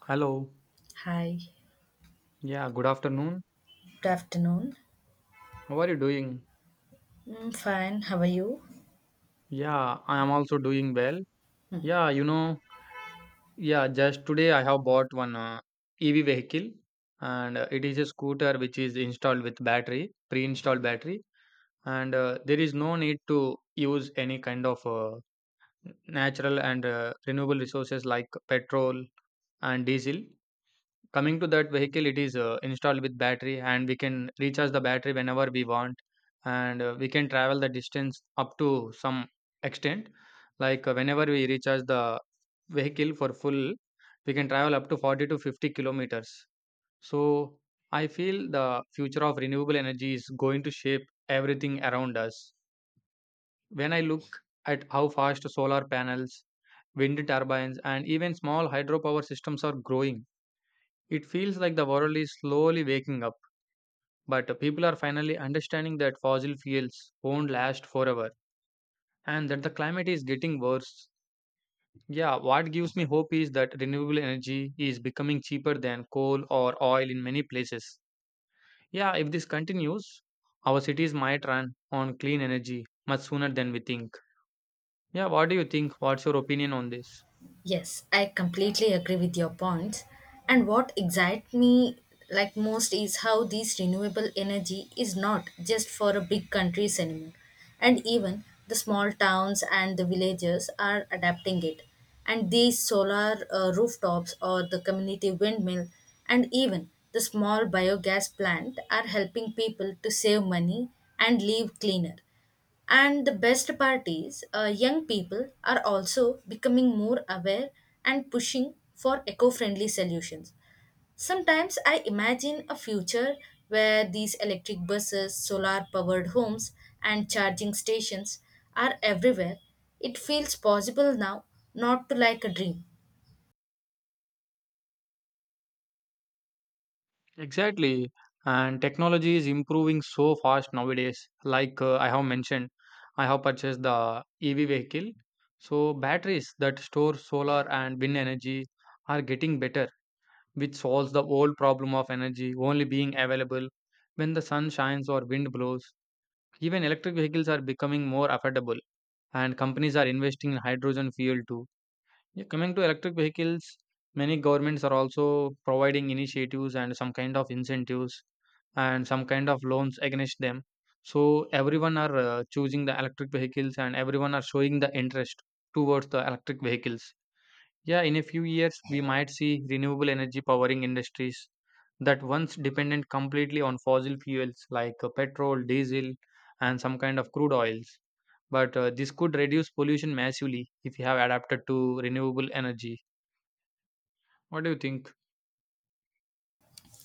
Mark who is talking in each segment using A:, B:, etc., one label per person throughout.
A: Hello.
B: Hi,
A: Yeah, good afternoon.
B: good afternoon.
A: How are you doing?
B: Mm, fine, how are you?
A: Yeah, I am also doing well. Yeah, you know, yeah, just today I have bought one EV vehicle and it is a scooter which is installed with battery, pre-installed battery, and there is no need to use any kind of natural and renewable resources like petrol and diesel. Coming to that vehicle, it is installed with battery, and we can recharge the battery whenever we want, and we can travel the distance up to some extent. Whenever we recharge the vehicle for full, we can travel up to 40 to 50 kilometers. So I feel the future of renewable energy is going to shape everything around us. When I look at how fast solar panels, wind turbines, and even small hydropower systems are growing, it feels like the world is slowly waking up, but people are finally understanding that fossil fuels won't last forever and that the climate is getting worse. Yeah, what gives me hope is that renewable energy is becoming cheaper than coal or oil in many places. Yeah, if this continues, our cities might run on clean energy much sooner than we think. Yeah, what do you think? What's your opinion on this?
B: Yes, I completely agree with your points. And what excites me most is how this renewable energy is not just for a big countries anymore. And even the small towns and the villages are adapting it. And these solar rooftops or the community windmill and even the small biogas plant are helping people to save money and live cleaner. And the best part is, young people are also becoming more aware and pushing for eco friendly solutions. Sometimes I imagine a future where these electric buses, solar powered homes, and charging stations are everywhere. It feels possible now, not to like a dream.
A: Exactly. And technology is improving so fast nowadays. I have mentioned, I have purchased the EV vehicle. So batteries that store solar and wind energy are getting better, which solves the old problem of energy only being available when the sun shines or wind blows. Even electric vehicles are becoming more affordable, and companies are investing in hydrogen fuel too. Yeah, coming to electric vehicles, many governments are also providing initiatives and some kind of incentives and some kind of loans against them. So everyone are choosing the electric vehicles and everyone are showing the interest towards the electric vehicles. Yeah, in a few years, we might see renewable energy powering industries that once dependent completely on fossil fuels petrol, diesel, and some kind of crude oils. But This could reduce pollution massively if we have adapted to renewable energy. What do you think?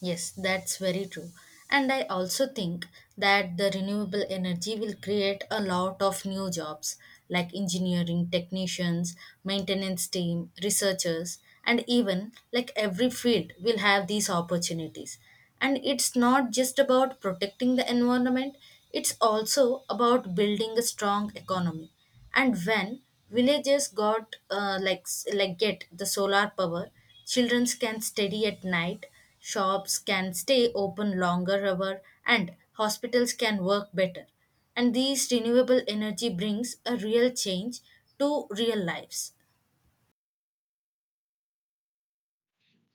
B: Yes, that's very true. And I also think that the renewable energy will create a lot of new jobs like engineering technicians, maintenance team, researchers, and even like every field will have these opportunities. And it's not just about protecting the environment, it's also about building a strong economy. And when villages got like s- like get the solar power, children can study at night, shops can stay open longer hour, and hospitals can work better, and these renewable energy brings a real change to real lives.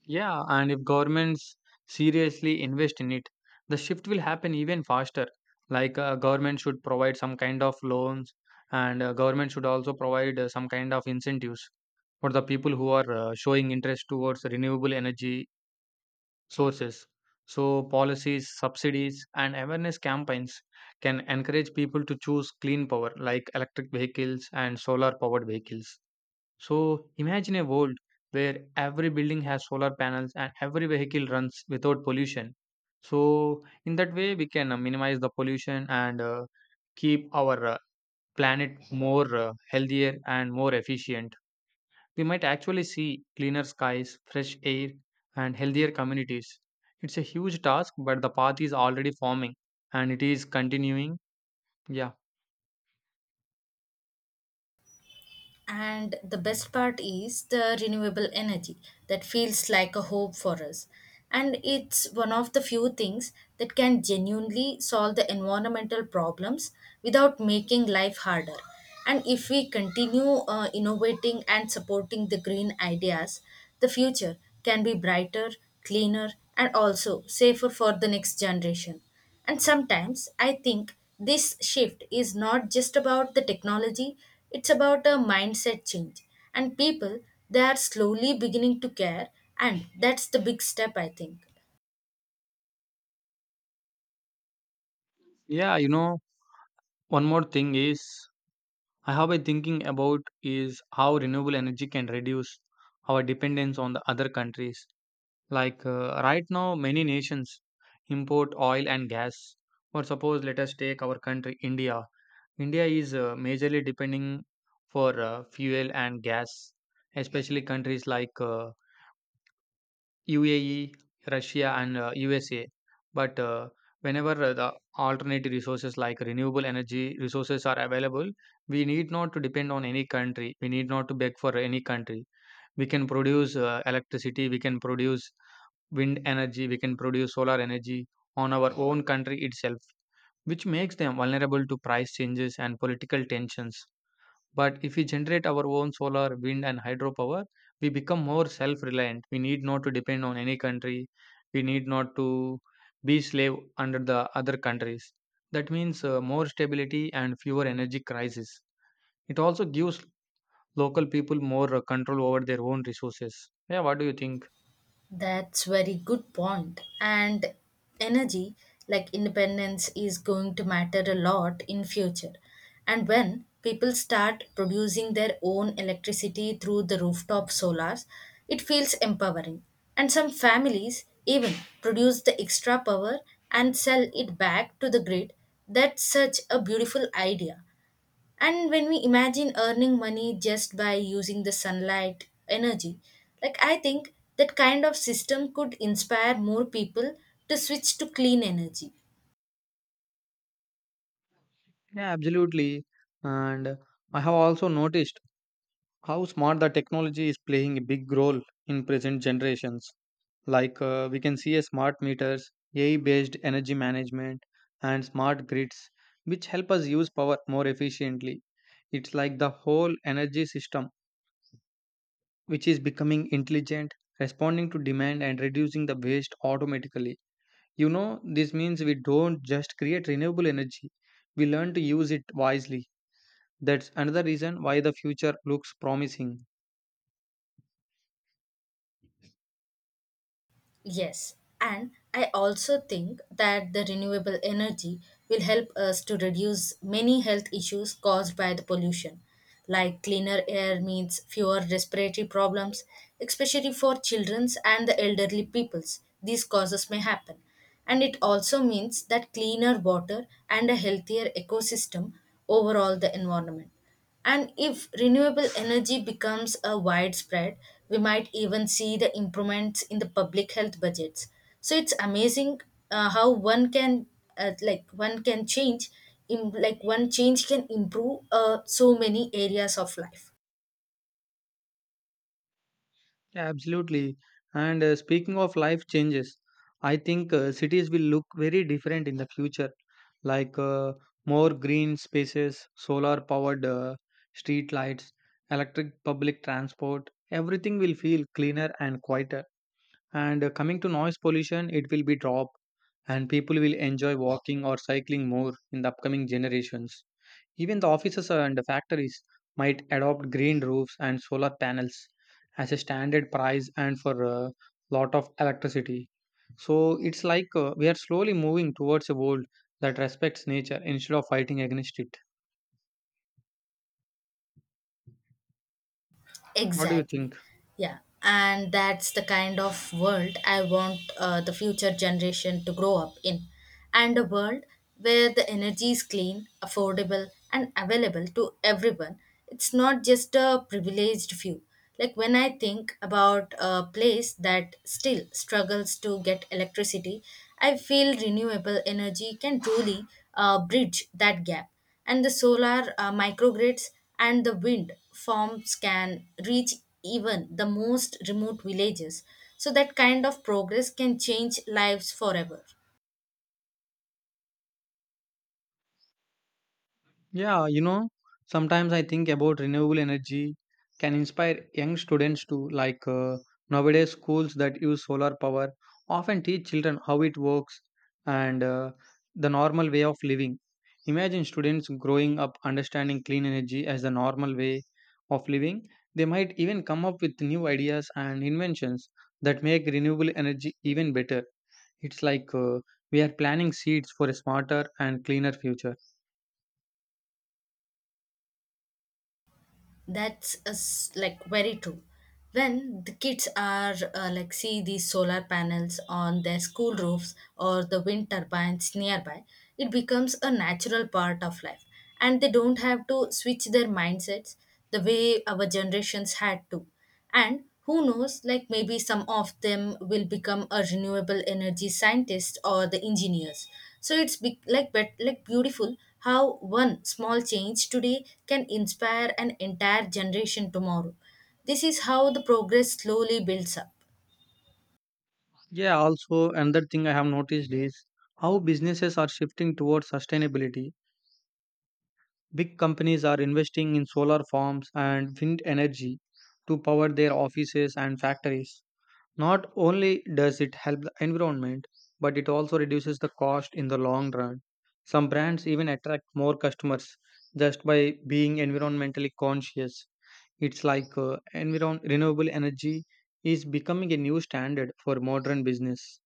A: Yeah, and if governments seriously invest in it, the shift will happen even faster. Government should provide some kind of loans, and government should also provide some kind of incentives for the people who are showing interest towards renewable energy sources. So policies, subsidies, and awareness campaigns can encourage people to choose clean power, like electric vehicles and solar powered vehicles. So imagine a world where every building has solar panels and every vehicle runs without pollution. So in that way, we can minimize the pollution and keep our planet more healthier and more efficient. We might actually see cleaner skies, fresh air, and healthier communities. It's a huge task, but the path is already forming and it is continuing. Yeah.
B: And the best part is the renewable energy that feels like a hope for us. And it's one of the few things that can genuinely solve the environmental problems without making life harder. And if we continue innovating and supporting the green ideas, the future can be brighter, cleaner, and also safer for the next generation. And sometimes I think this shift is not just about the technology, it's about a mindset change. And people, they are slowly beginning to care, and that's the big step, I think.
A: Yeah, you know, one more thing is I have been thinking about is how renewable energy can reduce our dependence on the other countries. Right now, many nations import oil and gas. Or suppose let us take our country, India. India is majorly depending for fuel and gas, especially countries UAE, Russia, and USA. But whenever The alternative resources like renewable energy resources are available, we need not to depend on any country. We need not to beg for any country. We can produce electricity, we can produce wind energy, we can produce solar energy on our own country itself, which makes them vulnerable to price changes and political tensions. But if we generate our own solar, wind, and hydropower, we become more self reliant. We need not to depend on any country. We need not to be slave under the other countries. That means more stability and fewer energy crises. It also gives local people more control over their own resources. Yeah, what do you think?
B: That's very good point. And energy, like independence, is going to matter a lot in future. And when people start producing their own electricity through the rooftop solars, it feels empowering. And some families even produce the extra power and sell it back to the grid. That's such a beautiful idea. And when we imagine earning money just by using the sunlight energy, like I think that kind of system could inspire more people to switch to clean energy.
A: Yeah, absolutely. And I have also noticed how smart the technology is playing a big role in present generations. We can see a smart meters AI based energy management and smart grids which help us use power more efficiently. It's like the whole energy system which is becoming intelligent, responding to demand and reducing the waste automatically. You know, this means we don't just create renewable energy, we learn to use it wisely. That's another reason why the future looks promising.
B: Yes, and I also think that the renewable energy will help us to reduce many health issues caused by the pollution, like cleaner air means fewer respiratory problems, especially for children's and the elderly peoples. These causes may happen. And it also means that cleaner water and a healthier ecosystem overall the environment. And if renewable energy becomes a widespread, we might even see the improvements in the public health budgets. So it's amazing how one can change, in, like one change can improve so many areas of life.
A: Yeah, absolutely. And speaking of life changes, I think cities will look very different in the future, like uh, more green spaces, solar powered street lights, electric public transport. Everything will feel cleaner and quieter. And coming to noise pollution, it will be dropped, and people will enjoy walking or cycling more in the upcoming generations. Even the offices and the factories might adopt green roofs and solar panels as a standard price and for a lot of electricity. So it's we are slowly moving towards a world that respects nature instead of fighting against it. What do you
B: Exactly.
A: think?
B: Yeah. And that's the kind of world I want the future generation to grow up in. And a world where the energy is clean, affordable, and available to everyone. It's not just a privileged few. Like when I think about a place that still struggles to get electricity, I feel renewable energy can truly bridge that gap, and the solar microgrids and the wind farms can reach even the most remote villages, so that kind of progress can change lives forever.
A: Yeah, you know, sometimes I think about renewable energy can inspire young students to nowadays schools that use solar power often teach children how it works and the normal way of living. Imagine students growing up understanding clean energy as the normal way of living. They might even come up with new ideas and inventions that make renewable energy even better. It's we are planting seeds for a smarter and cleaner future.
B: That's a s like very true. When the kids are like see these solar panels on their school roofs or the wind turbines nearby, it becomes a natural part of life, and they don't have to switch their mindsets the way our generations had to. And who knows, like maybe some of them will become a renewable energy scientist or the engineers. So it's be- like but like beautiful how one small change today can inspire an entire generation tomorrow. This is how the progress slowly builds up.
A: Yeah, also another thing I have noticed is how businesses are shifting towards sustainability. Big companies are investing in solar farms and wind energy to power their offices and factories. Not only does it help the environment, but it also reduces the cost in the long run. Some brands even attract more customers just by being environmentally conscious. It's like renewable energy is becoming a new standard for modern business.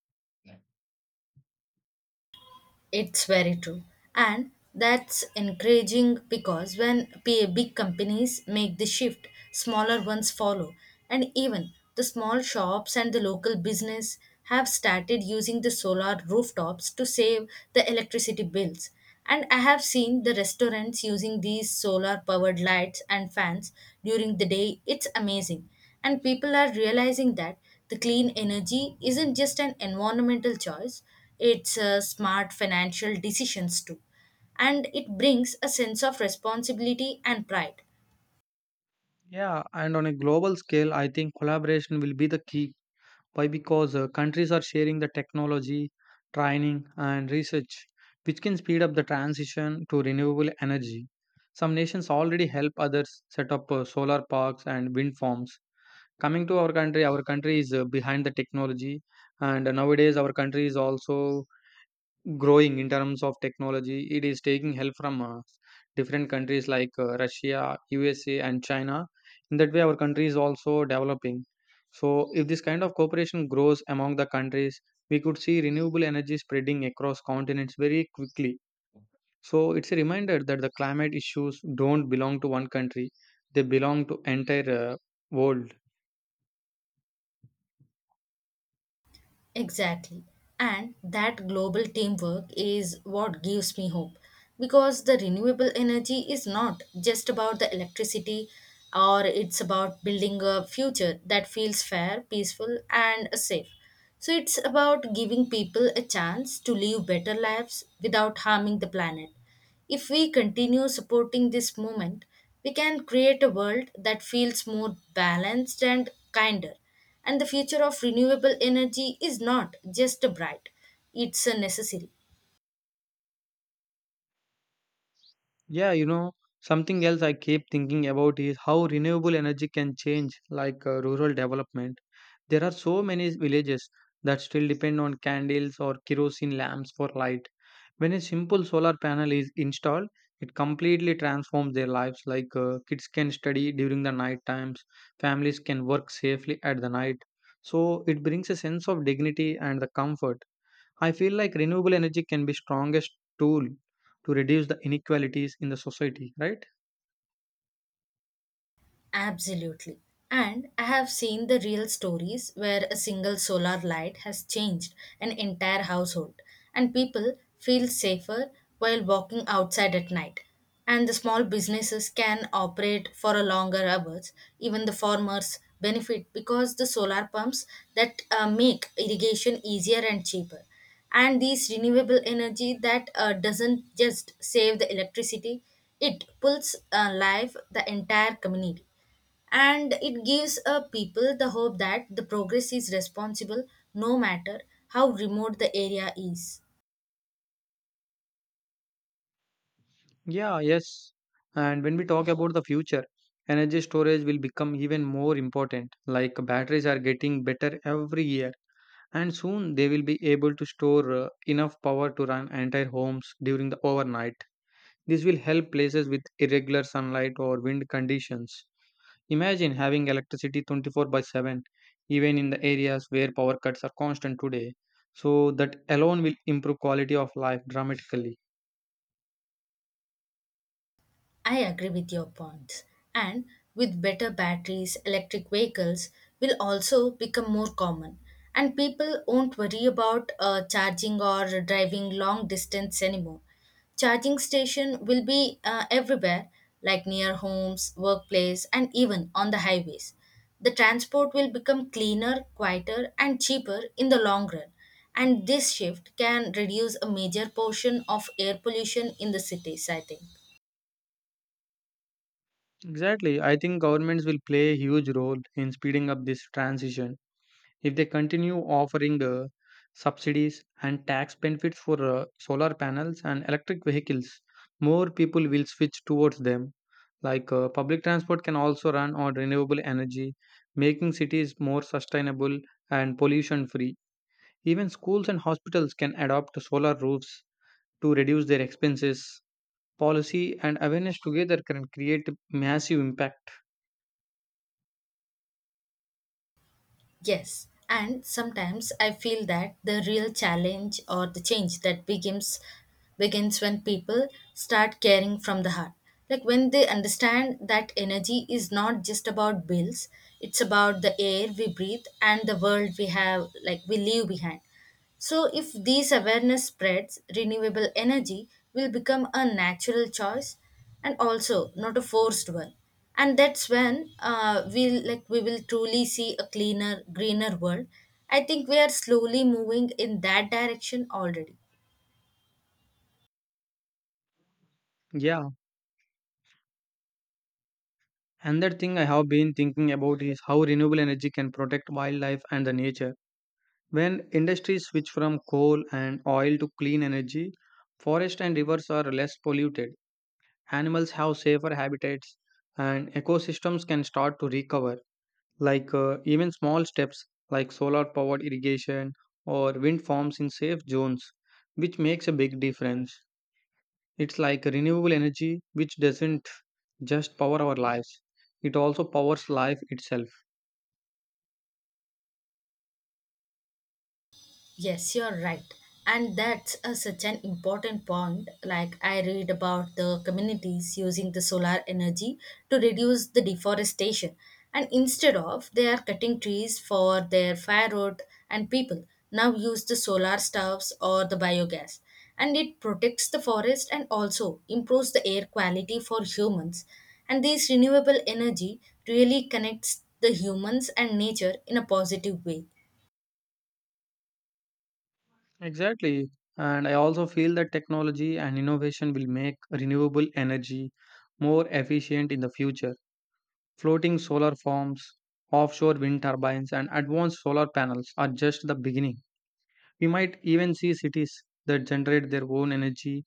B: It's very true. And that's encouraging because when big companies make the shift, smaller ones follow. And even the small shops and the local business have started using the solar rooftops to save the electricity bills. And I have seen the restaurants using these solar powered lights and fans during the day. It's amazing, and people are realizing that the clean energy isn't just an environmental choice, it's a smart financial decisions too. And it brings a sense of responsibility and pride.
A: Yeah, and on a global scale, I think collaboration will be the key. Why? Because countries are sharing the technology, training, and research, which can speed up the transition to renewable energy. Some nations already help others set up solar parks and wind farms. Coming to our country is behind the technology, and nowadays, our country is also growing in terms of technology. It is taking help from different countries Russia, USA, and China. In that way, our country is also developing. So, if this kind of cooperation grows among the countries, we could see renewable energy spreading across continents very quickly. So, it's a reminder that the climate issues don't belong to one country, they belong to entire world.
B: Exactly. And that global teamwork is what gives me hope because the renewable energy is not just about the electricity, or it's about building a future that feels fair, peaceful, and safe. So it's about giving people a chance to live better lives without harming the planet. If we continue supporting this movement, we can create a world that feels more balanced and kinder. And the future of renewable energy is not just a bright, it's a necessary.
A: Yeah, you know, something else I keep thinking about is how renewable energy can change rural development. There are so many villages that still depend on candles or kerosene lamps for light. When a simple solar panel is installed, it completely transforms their lives. Kids can study during the night times, families can work safely at the night. So it brings a sense of dignity and the comfort. I feel like renewable energy can be strongest tool to reduce the inequalities in the society, right?
B: Absolutely. And I have seen the real stories where a single solar light has changed an entire household, and people feel safer while walking outside at night. And the small businesses can operate for a longer hours. Even the farmers benefit because the solar pumps that make irrigation easier and cheaper. And these renewable energy that doesn't just save the electricity, it pulls alive the entire community, and it gives people the hope that the progress is responsible no matter how remote the area is.
A: Yeah, yes. And when we talk about the future, energy storage will become even more important. Like batteries are getting better every year, and soon they will be able to store enough power to run entire homes during the overnight. This will help places with irregular sunlight or wind conditions. Imagine having electricity 24/7, even in the areas where power cuts are constant today. So, that alone will improve quality of life dramatically.
B: I agree with your points. And with better batteries, electric vehicles will also become more common. And people won't worry about charging or driving long distance anymore. Charging station will be everywhere, like near homes, workplace, and even on the highways. The transport will become cleaner, quieter, and cheaper in the long run. And this shift can reduce a major portion of air pollution in the cities, I think.
A: Exactly. I think governments will play a huge role in speeding up this transition. If they continue offering subsidies and tax benefits for solar panels and electric vehicles, more people will switch towards them. Public transport can also run on renewable energy, making cities more sustainable and pollution free. Even schools and hospitals can adopt solar roofs to reduce their expenses. Policy and awareness together can create massive impact.
B: Yes, and sometimes I feel that the real challenge or the change that begins when people start caring from the heart. Like when they understand that energy is not just about bills, it's about the air we breathe and the world we have like we leave behind. So, if these awareness spreads, renewable energy will become a natural choice and also not a forced one. And that's when we will truly see a cleaner, greener world. I think we are slowly moving in that direction already.
A: Yeah, another thing I have been thinking about is how renewable energy can protect wildlife and the nature. When industries switch from coal and oil to clean energy, forests and rivers are less polluted. Animals have safer habitats and ecosystems can start to recover. Even small steps like solar powered irrigation or wind farms in safe zones, which makes a big difference. It's like renewable energy which doesn't just power our lives, it also powers life itself.
B: Yes, you're right. And that's a, such an important point. Like, I read about the communities using the solar energy to reduce the deforestation. And instead of, they are cutting trees for their firewood, and people now use the solar stoves or the biogas. And it protects the forest and also improves the air quality for humans. And this renewable energy really connects the humans and nature in a positive way.
A: Exactly. And I also feel that technology and innovation will make renewable energy more efficient in the future. Floating solar farms, offshore wind turbines, and advanced solar panels are just the beginning. We might even see cities that generate their own energy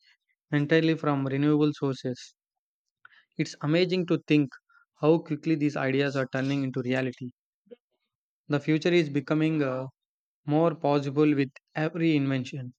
A: entirely from renewable sources. It's amazing to think how quickly these ideas are turning into reality. The future is becoming more possible with every invention.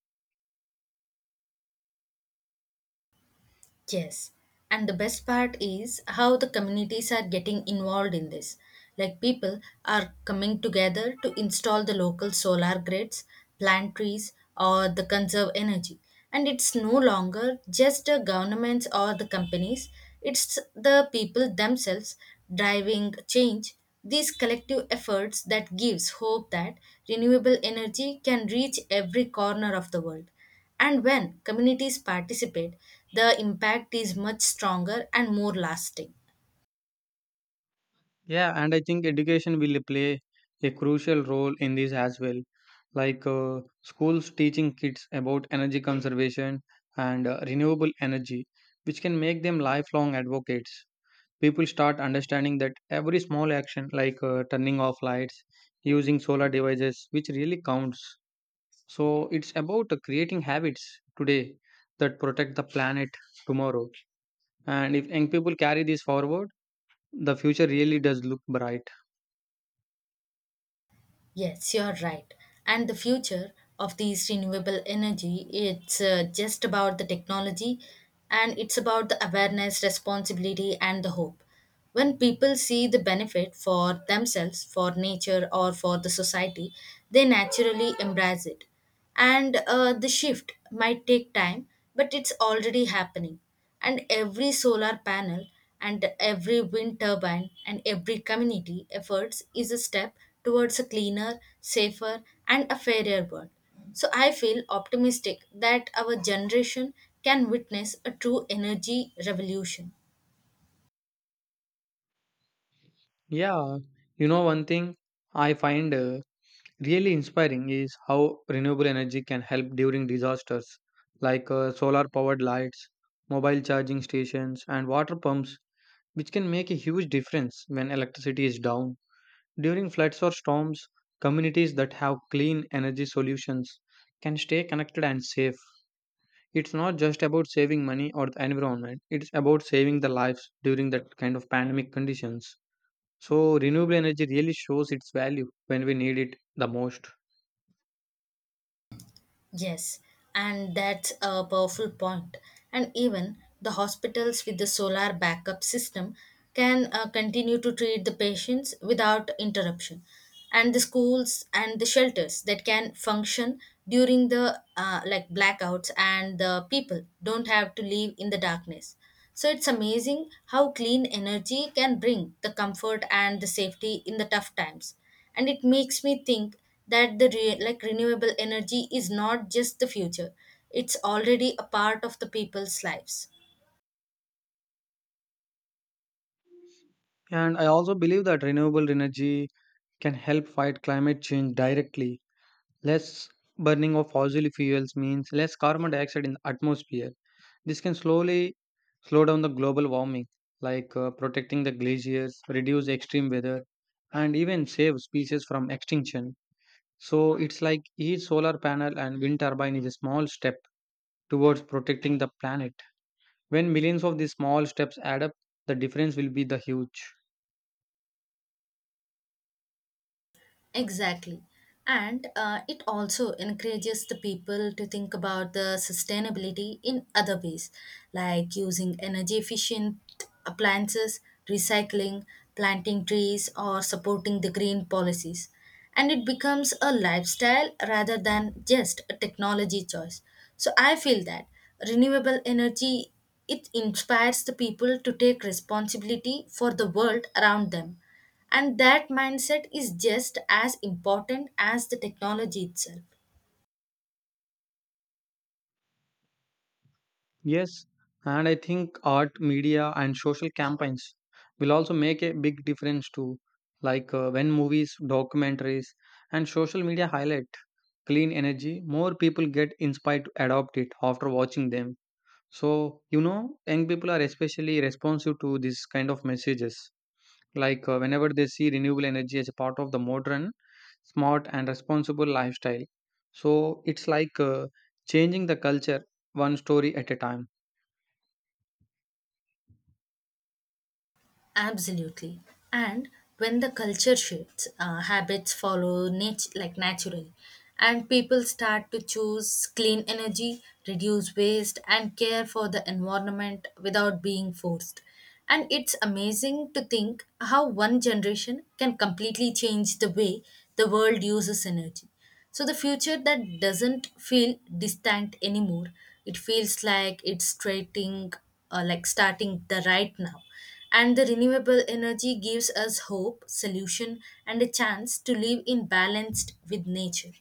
B: Yes, and the best part is how the communities are getting involved in this. Like people are coming together to install the local solar grids, plant trees, or the conserve energy. And it's no longer just the governments or the companies, it's the people themselves driving change. These collective efforts that gives hope that renewable energy can reach every corner of the world, and when communities participate, the impact is much stronger and more lasting.
A: Yeah, and I think education will play a crucial role in this as well. Like schools teaching kids about energy conservation and renewable energy, which can make them lifelong advocates. People start understanding that every small action, like turning off lights, using solar devices, which really counts. So it's about creating habits today that protect the planet tomorrow. And if young people carry this forward, the future really does look bright.
B: Yes, you're right. And the future of these renewable energy, it's just about the technology, and it's about the awareness, responsibility, and the hope. When people see the benefit for themselves, for nature, or for the society, they naturally embrace it. And the shift might take time, but it's already happening. And every solar panel and every wind turbine and every community efforts is a step towards a cleaner, safer, and a fairer world. So I feel optimistic that our generation can witness a true energy revolution.
A: Yeah, you know, one thing I find really inspiring is how renewable energy can help during disasters, like solar powered lights, mobile charging stations, and water pumps, which can make a huge difference when electricity is down. During floods or storms, communities that have clean energy solutions can stay connected and safe. It's not just about saving money or the environment, it's about saving the lives during that kind of pandemic conditions. So renewable energy really shows its value when we need it the most.
B: Yes, and that's a powerful point. And even the hospitals with the solar backup system can continue to treat the patients without interruption. And the schools and the shelters that can function during the blackouts, and the people don't have to live in the darkness. So it's amazing how clean energy can bring the comfort and the safety in the tough times, and it makes me think that the re- like renewable energy is not just the future, it's already a part of the people's lives.
A: And I also believe that renewable energy can help fight climate change directly. Less burning of fossil fuels means less carbon dioxide in the atmosphere. This can slowly slow down the global warming, like protecting the glaciers, reduce extreme weather, and even save species from extinction. So it's like each solar panel and wind turbine is a small step towards protecting the planet. When millions of these small steps add up, the difference will be the huge.
B: Exactly. And it also encourages the people to think about the sustainability in other ways, like using energy efficient appliances, recycling, planting trees, or supporting the green policies. And it becomes a lifestyle rather than just a technology choice. So I feel that renewable energy, it inspires the people to take responsibility for the world around them, and that mindset is just as important as the technology itself.
A: Yes, and I think art, media, and social campaigns will also make a big difference too. Like when movies, documentaries, and social media highlight clean energy, more people get inspired to adopt it after watching them. So, you know, young people are especially responsive to this kind of messages. Like whenever they see renewable energy as a part of the modern, smart, and responsible lifestyle. So it's like changing the culture one story at a time.
B: Absolutely. And when the culture shifts, habits follow naturally. And people start to choose clean energy, reduce waste, and care for the environment without being forced. And it's amazing to think how one generation can completely change the way the world uses energy. So the future that doesn't feel distant anymore, it feels like it's starting the right now. And the renewable energy gives us hope, solution, and a chance to live in balanced with nature.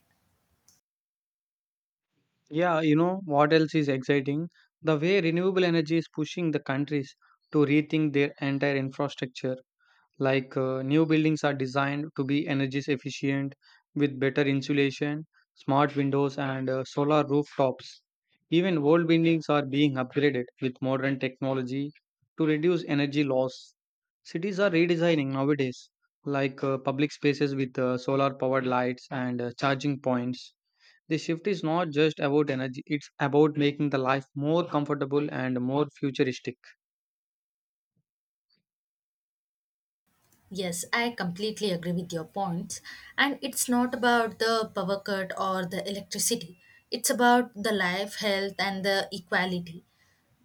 A: Yeah, you know what else is exciting? The way renewable energy is pushing the countries to rethink their entire infrastructure, like new buildings are designed to be energy efficient, with better insulation, smart windows, and solar rooftops. Even old buildings are being upgraded with modern technology to reduce energy loss. Cities are redesigning nowadays, like public spaces with solar powered lights and charging points. The shift is not just about energy, it's about making the life more comfortable and more futuristic.
B: Yes, I completely agree with your points. And it's not about the power cut or the electricity. It's about the life, health, and the equality.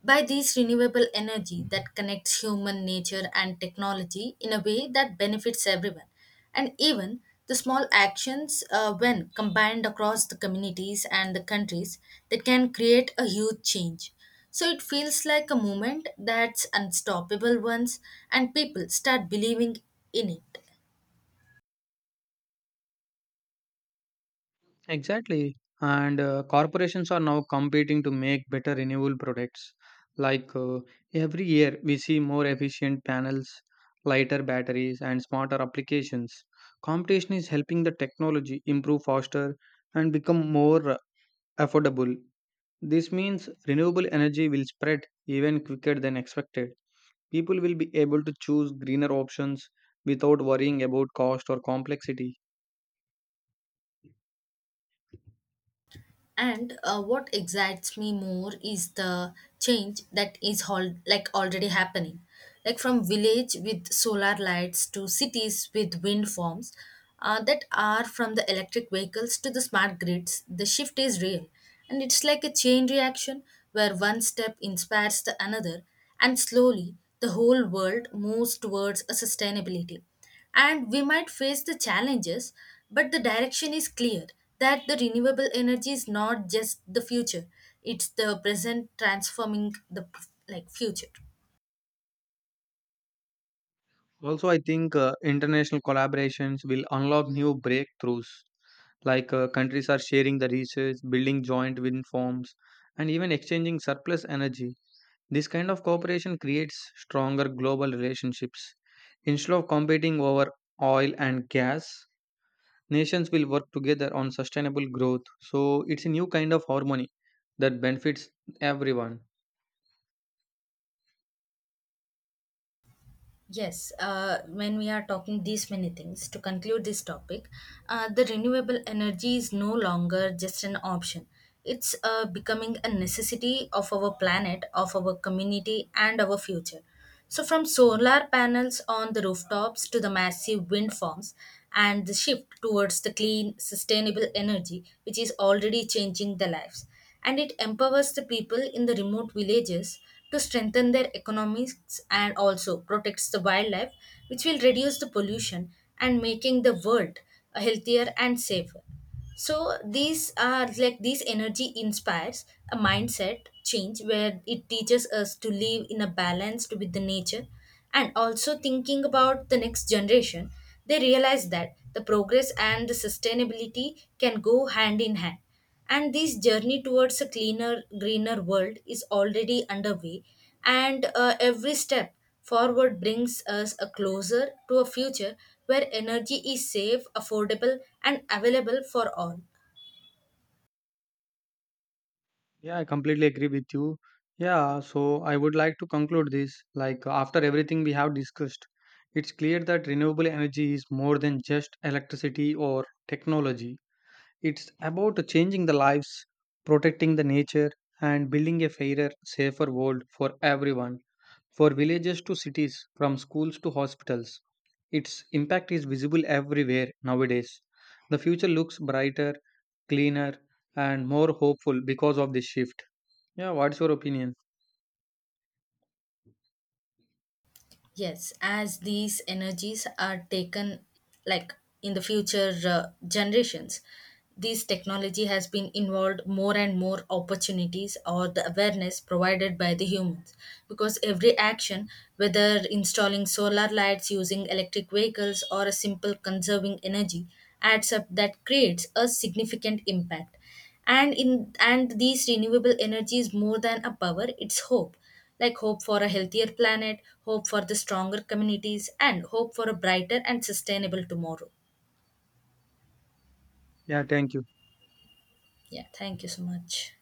B: By this renewable energy that connects human nature and technology in a way that benefits everyone, and even the small actions when combined across the communities and the countries, that can create a huge change. So it feels like a movement that's unstoppable once, and people start believing in it.
A: Exactly. And corporations are now competing to make better renewable products. Like every year, we see more efficient panels, lighter batteries, and smarter applications. Competition is helping the technology improve faster and become more affordable. This means renewable energy will spread even quicker than expected. People will be able to choose greener options without worrying about cost or complexity.
B: And what excites me more is the change that is already happening. Like from village with solar lights to cities with wind farms, that are from the electric vehicles to the smart grids, the shift is real. And it's like a chain reaction where one step inspires the another, and slowly the whole world moves towards a sustainability, and we might face the challenges, but the direction is clear that the renewable energy is not just the future, it's the present transforming the future.
A: Also, I think international collaborations will unlock new breakthroughs, like countries are sharing the research, building joint wind farms, and even exchanging surplus energy. This kind of cooperation creates stronger global relationships. Instead of competing over oil and gas, nations will work together on sustainable growth. So, it's a new kind of harmony that benefits everyone.
B: Yes, when we are talking these many things, to conclude this topic, the renewable energy is no longer just an option. It's becoming a necessity of our planet, of our community, and our future. So, from solar panels on the rooftops to the massive wind farms, and the shift towards the clean, sustainable energy, which is already changing the lives, and it empowers the people in the remote villages to strengthen their economies and also protects the wildlife, which will reduce the pollution and making the world a healthier and safer. So these are like these energy inspires a mindset change where it teaches us to live in a balanced with the nature, and also thinking about the next generation, they realize that the progress and the sustainability can go hand in hand, and this journey towards a cleaner greener world is already underway. And every step forward brings us a closer to a future where energy is safe, affordable, and available for all.
A: Yeah, I completely agree with you. Yeah, so I would like to conclude this. Like, after everything we have discussed, it's clear that renewable energy is more than just electricity or technology. It's about changing the lives, protecting the nature, and building a fairer, safer world for everyone, for villages to cities, from schools to hospitals. Its impact is visible everywhere nowadays. The future looks brighter, cleaner, and more hopeful because of this shift. Yeah, what's your opinion?
B: Yes, as these energies are taken, like in the future generations, this technology has been involved more and more opportunities or the awareness provided by the humans. Because every action, whether installing solar lights, using electric vehicles, or a simple conserving energy, adds up that creates a significant impact. And in, and these renewable energy is more than a power, it's hope. Like hope for a healthier planet, hope for the stronger communities, and hope for a brighter and sustainable tomorrow.
A: Yeah, thank you.
B: Yeah, thank you so much.